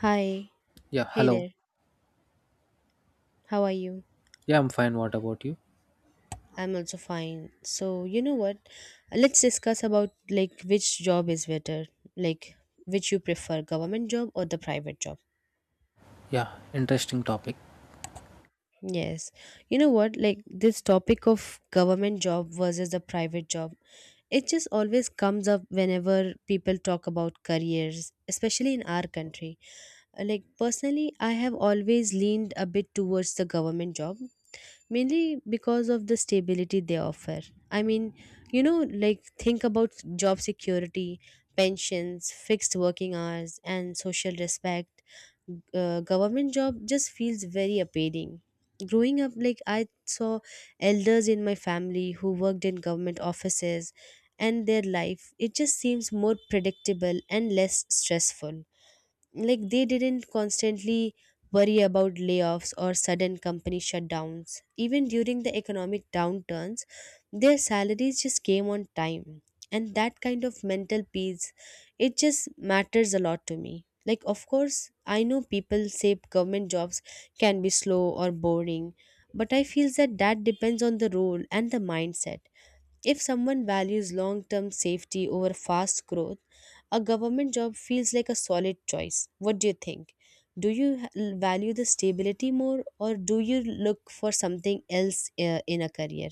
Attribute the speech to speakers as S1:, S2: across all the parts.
S1: Hi.
S2: Yeah,
S1: Hey
S2: hello.
S1: there. How are you?
S2: Yeah, I'm fine. What about you?
S1: I'm also fine. So, you know what? Let's discuss about like which job is better, like which you prefer, government job or the private job.
S2: Yeah, interesting topic.
S1: Yes. You know what? Like this topic of government job versus the private job, it just always comes up whenever people talk about careers, especially in our country. Like personally, I have always leaned a bit towards the government job mainly because of the stability they offer. I mean, you know, like think about job security, pensions, fixed working hours, and social respect. Government job just feels very appealing. Growing up, like I saw elders in my family who worked in government offices, and their life, it just seems more predictable and less stressful, like they didn't constantly worry about layoffs or sudden company shutdowns. Even during the economic downturns, their salaries just came on time, and that kind of mental peace, it just matters a lot to me. Like, of course, I know people say government jobs can be slow or boring, but I feel that that depends on the role and the mindset. If someone values long term safety over fast growth, a government job feels like a solid choice. What do you think? Do you ha- Value the stability more, or do you look for something else in a career?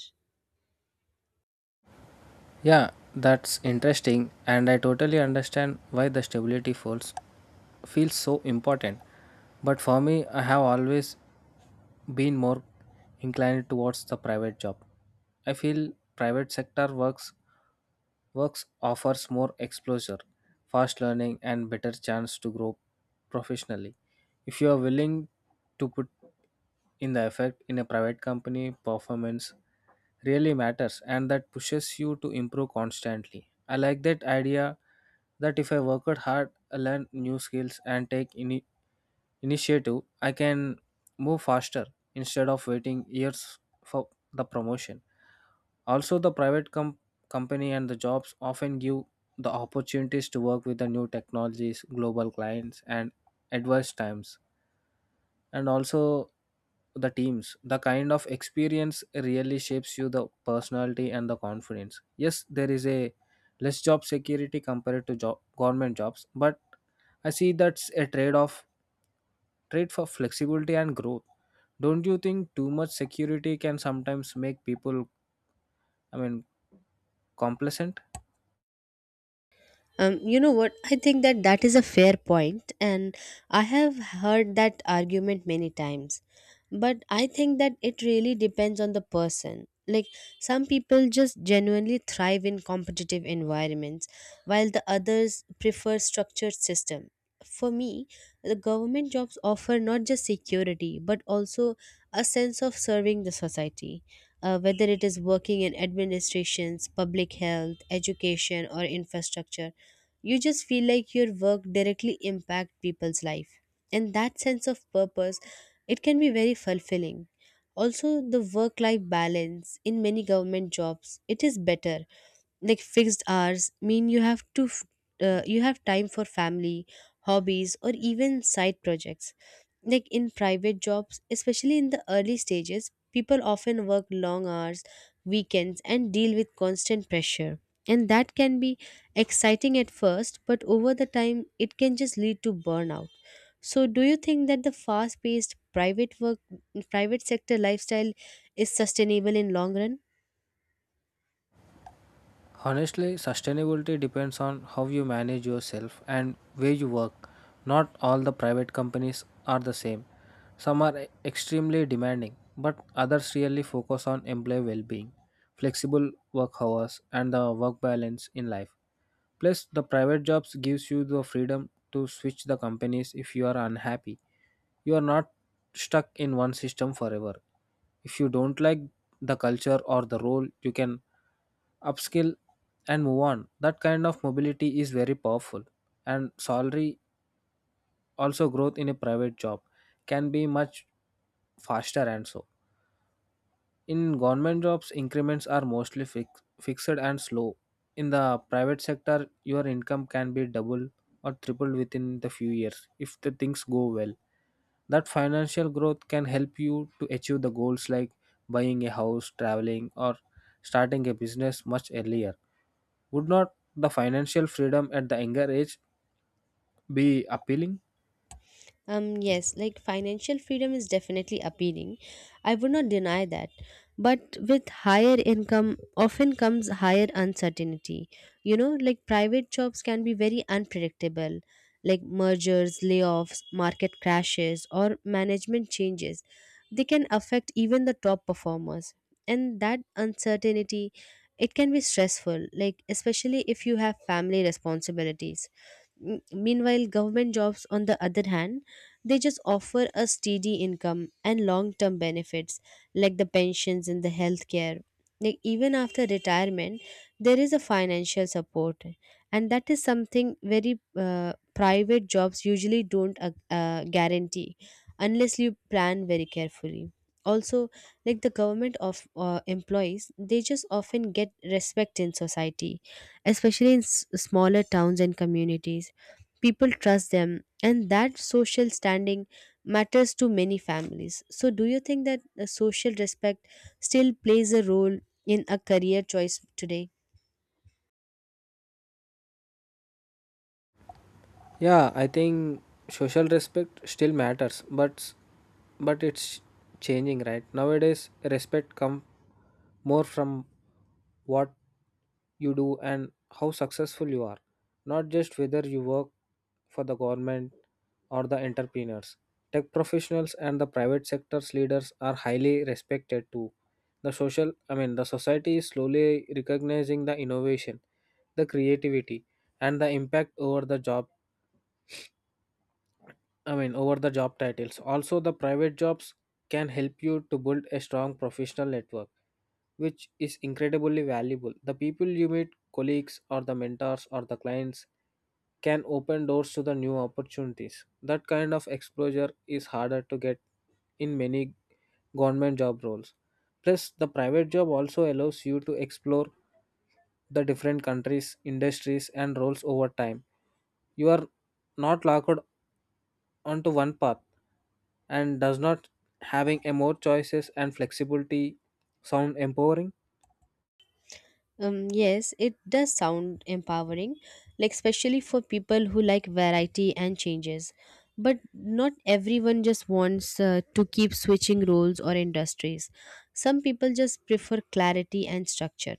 S2: Yeah, that's interesting, and I totally understand why the stability falls feels so important. But for me, I have always been more inclined towards the private job. I feel private sector works offers more exposure, fast learning, and better chance to grow professionally. If you are willing to put in the effect in a private company, performance really matters, and that pushes you to improve constantly. I like that idea that if I work hard, I learn new skills and take initiative. I can move faster instead of waiting years for the promotion. Also, company and the jobs often give the opportunities to work with the new technologies, global clients, and adverse times, and also the teams. The kind of experience really shapes you, the personality and the confidence. Yes, there is a less job security compared to job government jobs, but I see that's a trade for flexibility and growth. Don't you think too much security can sometimes make people, I mean, complacent?
S1: You know what? I think that that is a fair point, and I have heard that argument many times. But I think that it really depends on the person. Like, some people just genuinely thrive in competitive environments, while the others prefer structured system. For me, the government jobs offer not just security but also a sense of serving the society. Whether it is working in administrations, public health, education, or infrastructure, you just feel like your work directly impact people's life, and that sense of purpose, it can be very fulfilling. Also, the work life balance in many government jobs, it is better, like fixed hours mean you have to you have time for family, hobbies, or even side projects. Like in private jobs, especially in the early stages, people often work long hours, weekends, and deal with constant pressure, and that can be exciting at first, but over the time it can just lead to burnout. So do you think that the fast paced private work private sector lifestyle is sustainable in long run?
S2: Honestly, sustainability depends on how you manage yourself and where you work. Not all the private companies are the same. Some are extremely demanding, but others really focus on employee well being, flexible work hours, and the work balance in life. Plus, the private jobs gives you the freedom to switch the companies if you are unhappy. You are not stuck in one system forever. If you don't like the culture or the role, you can upskill and move on. That kind of mobility is very powerful, and salary, also growth in a private job can be much faster. And so in government jobs, increments are mostly fixed and slow. In the private sector, your income can be double or tripled within the few years if the things go well. That financial growth can help you to achieve the goals like buying a house, traveling, or starting a business much earlier. Would not the financial freedom at the younger age be appealing?
S1: Yes, like financial freedom is definitely appealing. I would not deny that. But with higher income, often comes higher uncertainty. You know, like private jobs can be very unpredictable, like mergers, layoffs, market crashes, or management changes. They can affect even the top performers. And that uncertainty, it can be stressful, like especially if you have family responsibilities. Meanwhile, government jobs, on the other hand, they just offer a steady income and long term benefits like the pensions and the healthcare. Like even after retirement, there is a financial support, and that is something very private jobs usually don't guarantee unless you plan very carefully. Also, like the government of employees, they just often get respect in society, especially in smaller towns and communities. People trust them, and that social standing matters to many families. So do you think that social respect still plays a role in a career choice today?
S2: Yeah, I think social respect still matters, but it's changing, right? Nowadays, respect come more from what you do and how successful you are, not just whether you work for the government or the entrepreneurs. Tech professionals and the private sector's leaders are highly respected too. The social, I mean, the society is slowly recognizing the innovation, the creativity, and the impact over the job, I mean, over the job titles. Also, the private jobs can help you to build a strong professional network, which is incredibly valuable. The people you meet, colleagues, or the mentors, or the clients, can open doors to the new opportunities. That kind of exposure is harder to get in many government job roles. Plus, the private job also allows you to explore the different countries, industries, and roles over time. You are not locked onto one path. And does not having a more choices and flexibility sound empowering?
S1: Um, yes, it does sound empowering, like especially for people who like variety and changes, but not everyone just wants to keep switching roles or industries. Some people just prefer clarity and structure,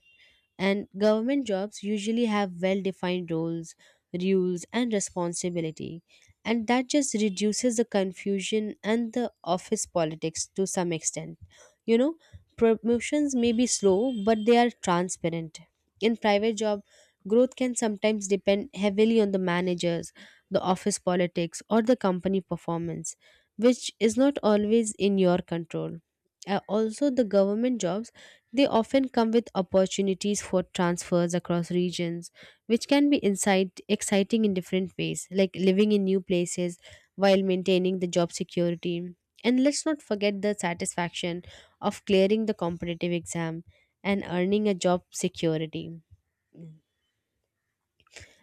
S1: and government jobs usually have well defined roles, rules, and responsibility, and that just reduces the confusion and the office politics to some extent. You know, promotions may be slow, but they are transparent. In private job, growth can sometimes depend heavily on the managers, the office politics, or the company performance, which is not always in your control. Also, the government jobs, they often come with opportunities for transfers across regions, which can be exciting in different ways, like living in new places while maintaining the job security. And let's not forget the satisfaction of clearing the competitive exam and earning a job security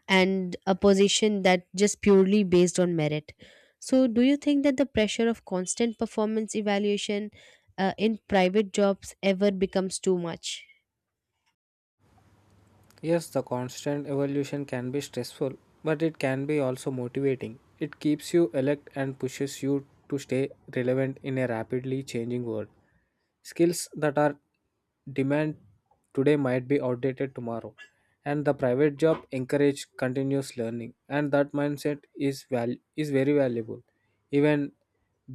S1: and a position that just purely based on merit. So, do you think that the pressure of constant performance evaluation in private jobs ever becomes too much?
S2: Yes, the constant evolution can be stressful, but it can be also motivating. It keeps you alert and pushes you to stay relevant in a rapidly changing world. Skills that are demand today might be outdated tomorrow, and the private job encourage continuous learning, and that mindset is very valuable. Even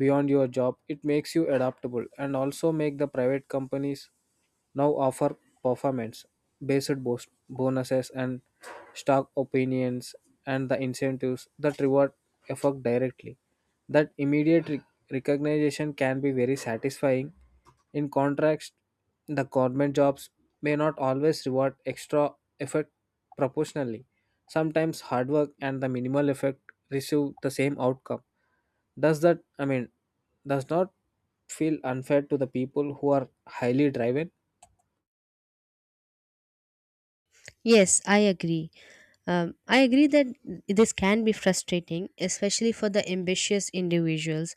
S2: beyond your job, it makes you adaptable, and also make the private companies now offer performance based boost bonuses and stock opinions and the incentives that reward effort directly. That immediate recognition can be very satisfying. In contrast, the government jobs may not always reward extra effort proportionally. Sometimes hard work and the minimal effort receive the same outcome. Does that, I mean, does not feel unfair to the people who are highly driven?
S1: Yes, I agree. I agree that this can be frustrating, especially for the ambitious individuals.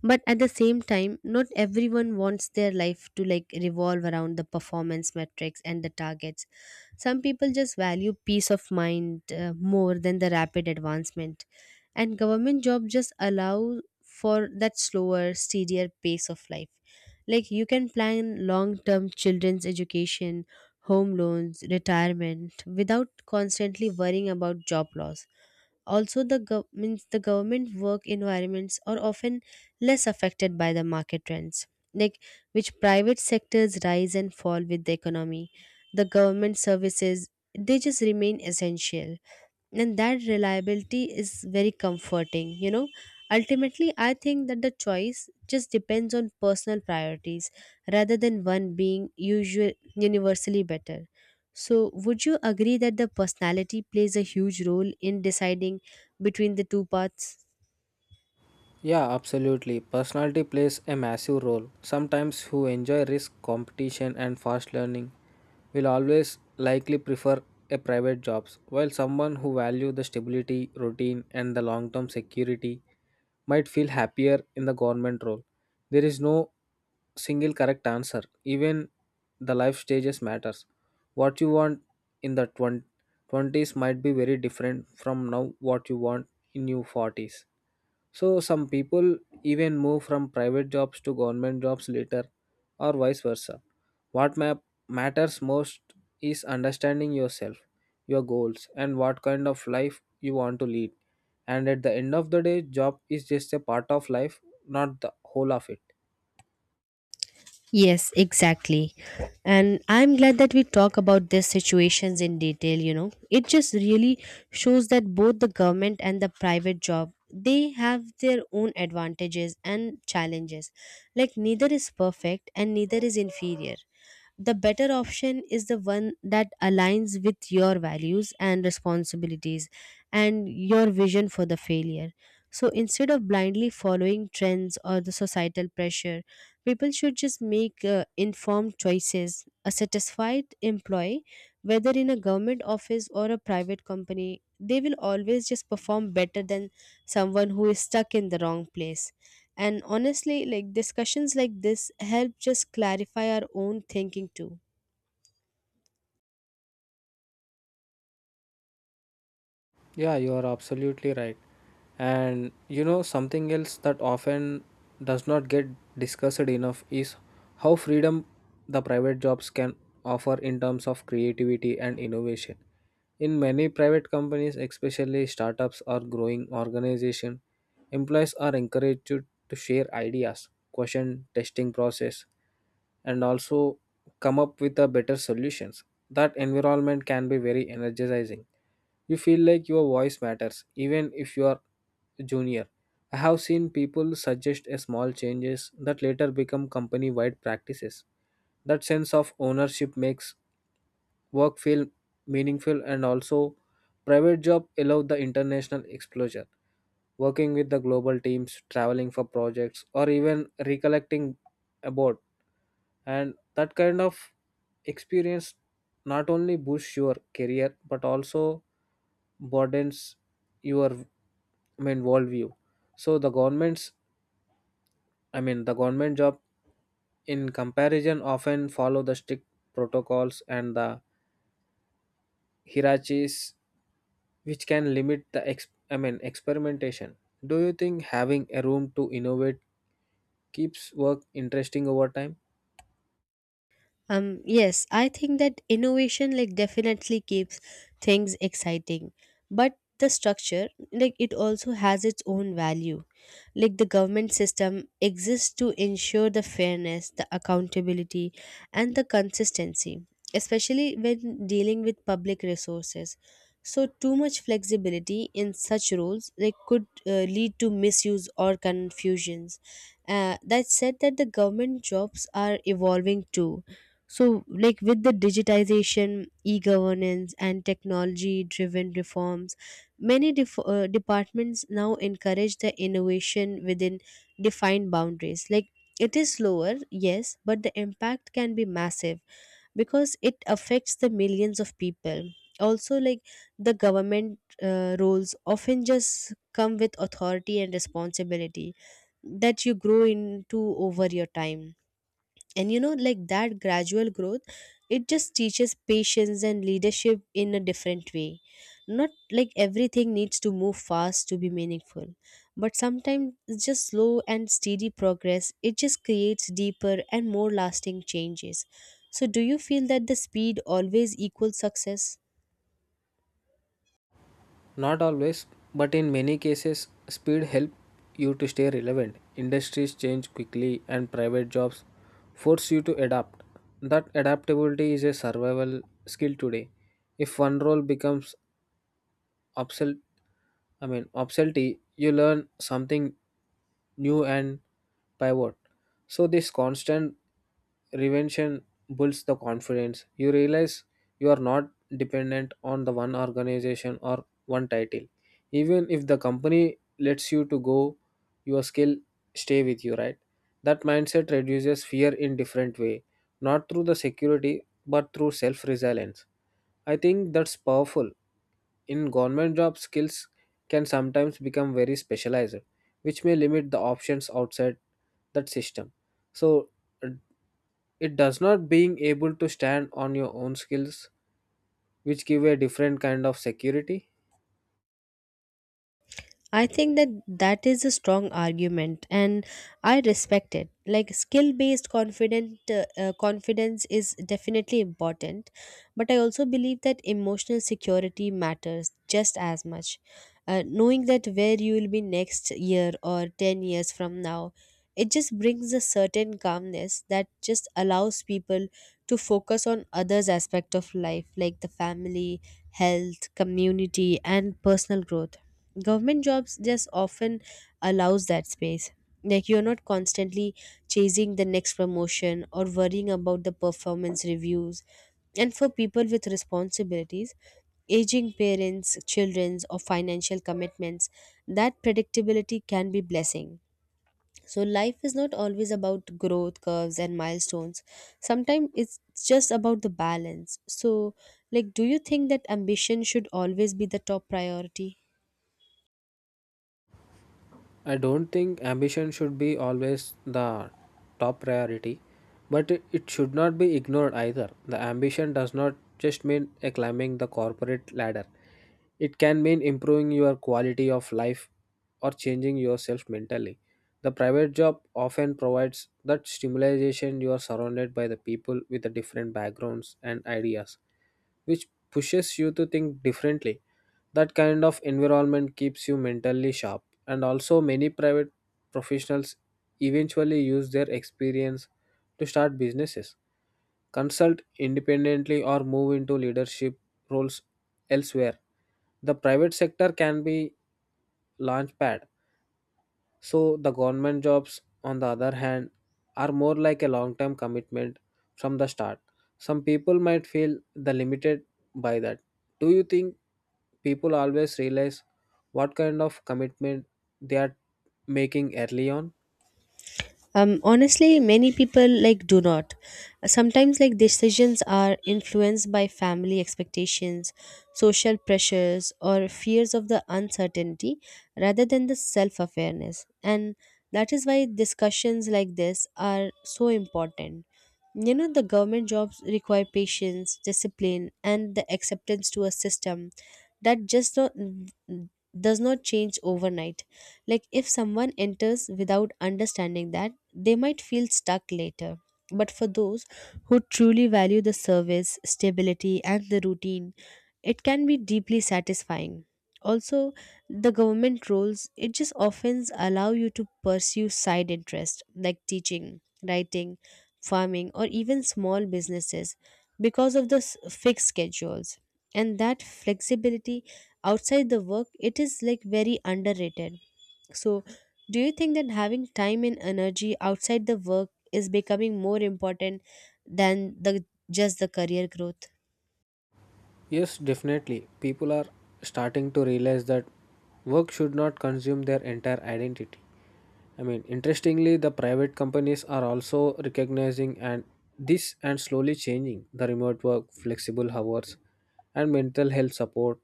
S1: But at the same time, not everyone wants their life to like revolve around the performance metrics and the targets. Some people just value peace of mind more than the rapid advancement, and government jobs just allow for that slower, steadier pace of life. Like you can plan long term children's education, home loans, retirement without constantly worrying about job loss. Also, the means the government work environments are often less affected by the market trends, like which private sectors rise and fall with the economy. The government services, they just remain essential, and that reliability is very comforting. You know, ultimately I think that the choice just depends on personal priorities rather than one being usual universally better. So would you agree that the personality plays a huge role in deciding between the two paths?
S2: Yeah, absolutely. Personality plays a massive role. Sometimes who enjoy risk, competition, and fast learning will always likely prefer a private jobs, while someone who value the stability, routine, and the long-term security might feel happier in the government role. There is no single correct answer. Even the life stages matters. What you want in the 20s might be very different from now what you want in your 40s. So some people even move from private jobs to government jobs later or vice versa. What ma- matters most is understanding yourself, your goals, and what kind of life you want to lead. And at the end of the day, job is just a part of life, not the whole of it.
S1: Yes, exactly. And I'm glad that we talk about these situations in detail, you know. It just really shows that both the government and the private job, they have their own advantages and challenges. Like neither is perfect and neither is inferior. The better option is the one that aligns with your values and responsibilities and your vision for the failure. So instead of blindly following trends or the societal pressure, people should just make informed choices. A satisfied employee, whether in a government office or a private company, they will always just perform better than someone who is stuck in the wrong place. And honestly, like discussions like this help just clarify our own thinking too.
S2: Yeah, you are absolutely right. And you know, something else that often does not get discussed enough is how freedom the private jobs can offer in terms of creativity and innovation. In many private companies, especially startups or growing organizations, employees are encouraged to share ideas, question testing process, and also come up with a better solutions. That environment can be very energizing. You feel like your voice matters, even if you are junior. I have seen people suggest a small changes that later become company wide practices. That sense of ownership makes work feel meaningful. And also, private job allow the international exposure. Working with the global teams, traveling for projects, or even recollecting about, and that kind of experience not only boosts your career but also broadens your, I mean, worldview. So the government's I mean the government job in comparison often follow the strict protocols and the hierarchies, which can limit I mean experimentation. Do you think having a room to innovate keeps work interesting over time?
S1: Yes, I think that innovation like definitely keeps things exciting, but the structure like it also has its own value. Like the government system exists to ensure the fairness, the accountability, and the consistency, especially when dealing with public resources. So too much flexibility in such roles like could lead to misuse or confusions. That said, that the government jobs are evolving too. So, like with the digitization, e governance, and technology driven reforms, many departments now encourage the innovation within defined boundaries. Like it is slower, yes, but the impact can be massive because it affects the millions of people. Also, like the government roles often just come with authority and responsibility that you grow into over your time. And you know, like that gradual growth, it just teaches patience and leadership in a different way. Not like everything needs to move fast to be meaningful, but sometimes just slow and steady progress, it just creates deeper and more lasting changes. So do you feel that the speed always equals success?
S2: Not always, but in many cases, speed helps you to stay relevant. Industries change quickly, and private jobs force you to adapt. That adaptability is a survival skill today. If one role becomes obsolete, I mean obsolete, you learn something new and pivot. So this constant reinvention builds the confidence. You realize you are not dependent on the one organization or one title. Even if the company lets you to go, your skill stay with you, right? That mindset reduces fear in different way, not through the security but through self-resilience. I think that's powerful. In government job, skills can sometimes become very specialized, which may limit the options outside that system. So it does not being able to stand on your own skills, which give a different kind of security.
S1: I think that that is a strong argument, and I respect it. Like skill-based confident confidence is definitely important, but I also believe that emotional security matters just as much. Knowing that where you will be next year or 10 years from now, it just brings a certain calmness that just allows people to focus on others aspect of life, like the family, health, community, and personal growth. Government jobs just often allows that space. Like you're not constantly chasing the next promotion or worrying about the performance reviews, and for people with responsibilities, aging parents, children's or financial commitments, that predictability can be blessing. So life is not always about growth curves and milestones. Sometimes it's just about the balance. So, like, do you think that ambition should always be the top priority?
S2: I don't think ambition should be always the top priority, but it should not be ignored either. The ambition does not just mean a climbing the corporate ladder. It can mean improving your quality of life or changing yourself mentally. The private job often provides that stimulation. You are surrounded by the people with the different backgrounds and ideas, which pushes you to think differently. That kind of environment keeps you mentally sharp, and also many private professionals eventually use their experience to start businesses, consult independently, or move into leadership roles elsewhere. The private sector can be launchpad. So the government jobs, on the other hand, are more like a long-term commitment from the start. Some people might feel the limited by that. Do you think people always realize what kind of commitment they are making early on?
S1: Honestly, many people like do not. Sometimes like decisions are influenced by family expectations, social pressures, or fears of the uncertainty rather than the self-awareness. And that is why discussions like this are so important. You know, the government jobs require patience, discipline, and the acceptance to a system that just not, does not change overnight. Like, if someone enters without understanding that, they might feel stuck later. But for those who truly value the service, stability, and the routine, it can be deeply satisfying. Also, the government roles, it just often allow you to pursue side interests like teaching, writing, farming, or even small businesses because of the fixed schedules. And that flexibility outside the work, it is like very underrated. So, do you think that having time and energy outside the work is becoming more important than the just the career growth?
S2: Yes, definitely. People are starting to realize that work should not consume their entire identity. I mean, interestingly, the private companies are also recognizing and this and slowly changing the remote work, flexible hours, and mental health support,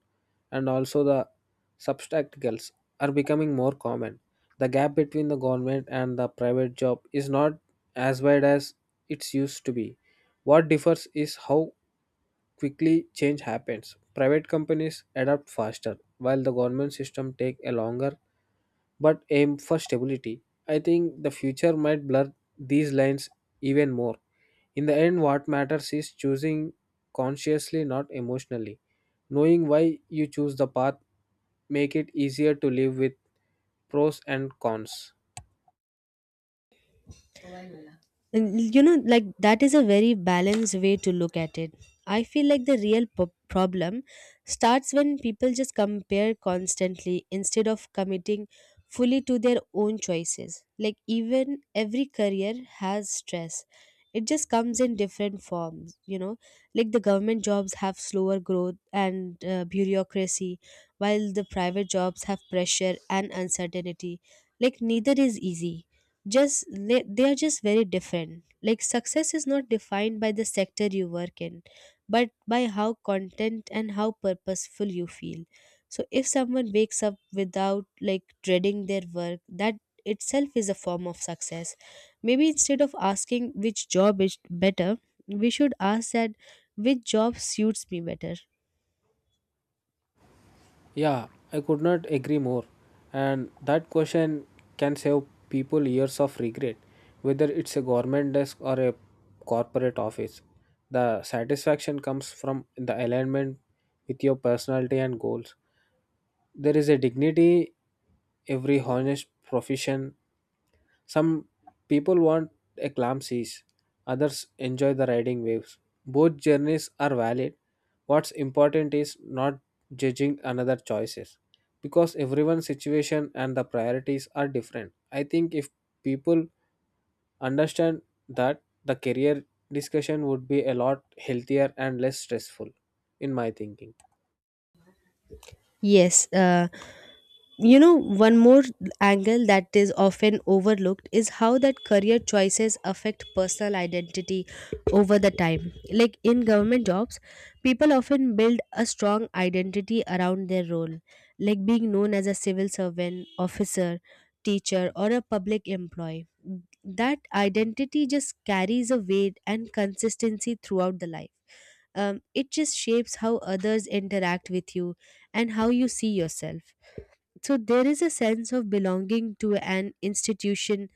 S2: and also the substacticals are becoming more common. The gap between the government and the private job is not as wide as it used to be. What differs is how quickly change happens. Private companies adapt faster, while the government system take a longer but aim for stability. I think the future might blur these lines even more. In the end, what matters is choosing consciously, not emotionally. Knowing why you choose the path make it easier to live with pros and cons.
S1: And you know, like that is a very balanced way to look at it. I feel like the real problem starts when people just compare constantly instead of committing fully to their own choices. Like, even every career has stress. It just comes in different forms, you know, like the government jobs have slower growth and bureaucracy, while the private jobs have pressure and uncertainty. Like neither is easy, just they are just very different. Like success is not defined by the sector you work in but by how content and how purposeful you feel. So if someone wakes up without like dreading their work, that itself is a form of success. Maybe instead of asking which job is better, we should ask that which job suits me better.
S2: Yeah, I could not agree more. And that question can save people years of regret, whether it's a government desk or a corporate office. The satisfaction comes from the alignment with your personality and goals. There is a dignity every honest profession. Some people want a calm seas, others enjoy the riding waves. Both journeys are valid. What's important is not judging another choices because everyone's situation and the priorities are different. I think if people understand that, the career discussion would be a lot healthier and less stressful in my thinking.
S1: Yes, you know, one more angle that is often overlooked is how that career choices affect personal identity over the time. Like in government jobs, people often build a strong identity around their role, like being known as a civil servant, officer, teacher, or a public employee. That identity just carries a weight and consistency throughout the life. It just shapes how others interact with you and how you see yourself. So there is a sense of belonging to an institution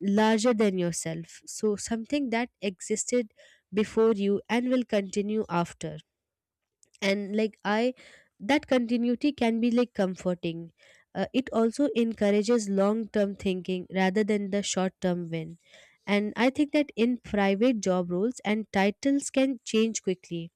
S1: larger than yourself. So something that existed before you and will continue after. And like I, that continuity can be like comforting. It also encourages long term thinking rather than the short term win. And I think that in private job roles and titles can change quickly,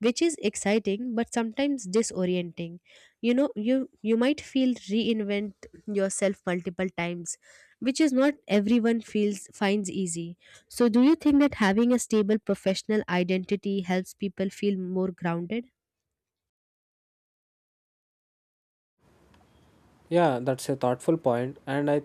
S1: which is exciting but sometimes disorienting. You know, you might feel reinvent yourself multiple times, which is not everyone feels finds easy. So do you think that having a stable professional identity helps people feel more grounded?
S2: Yeah, that's a thoughtful point, and I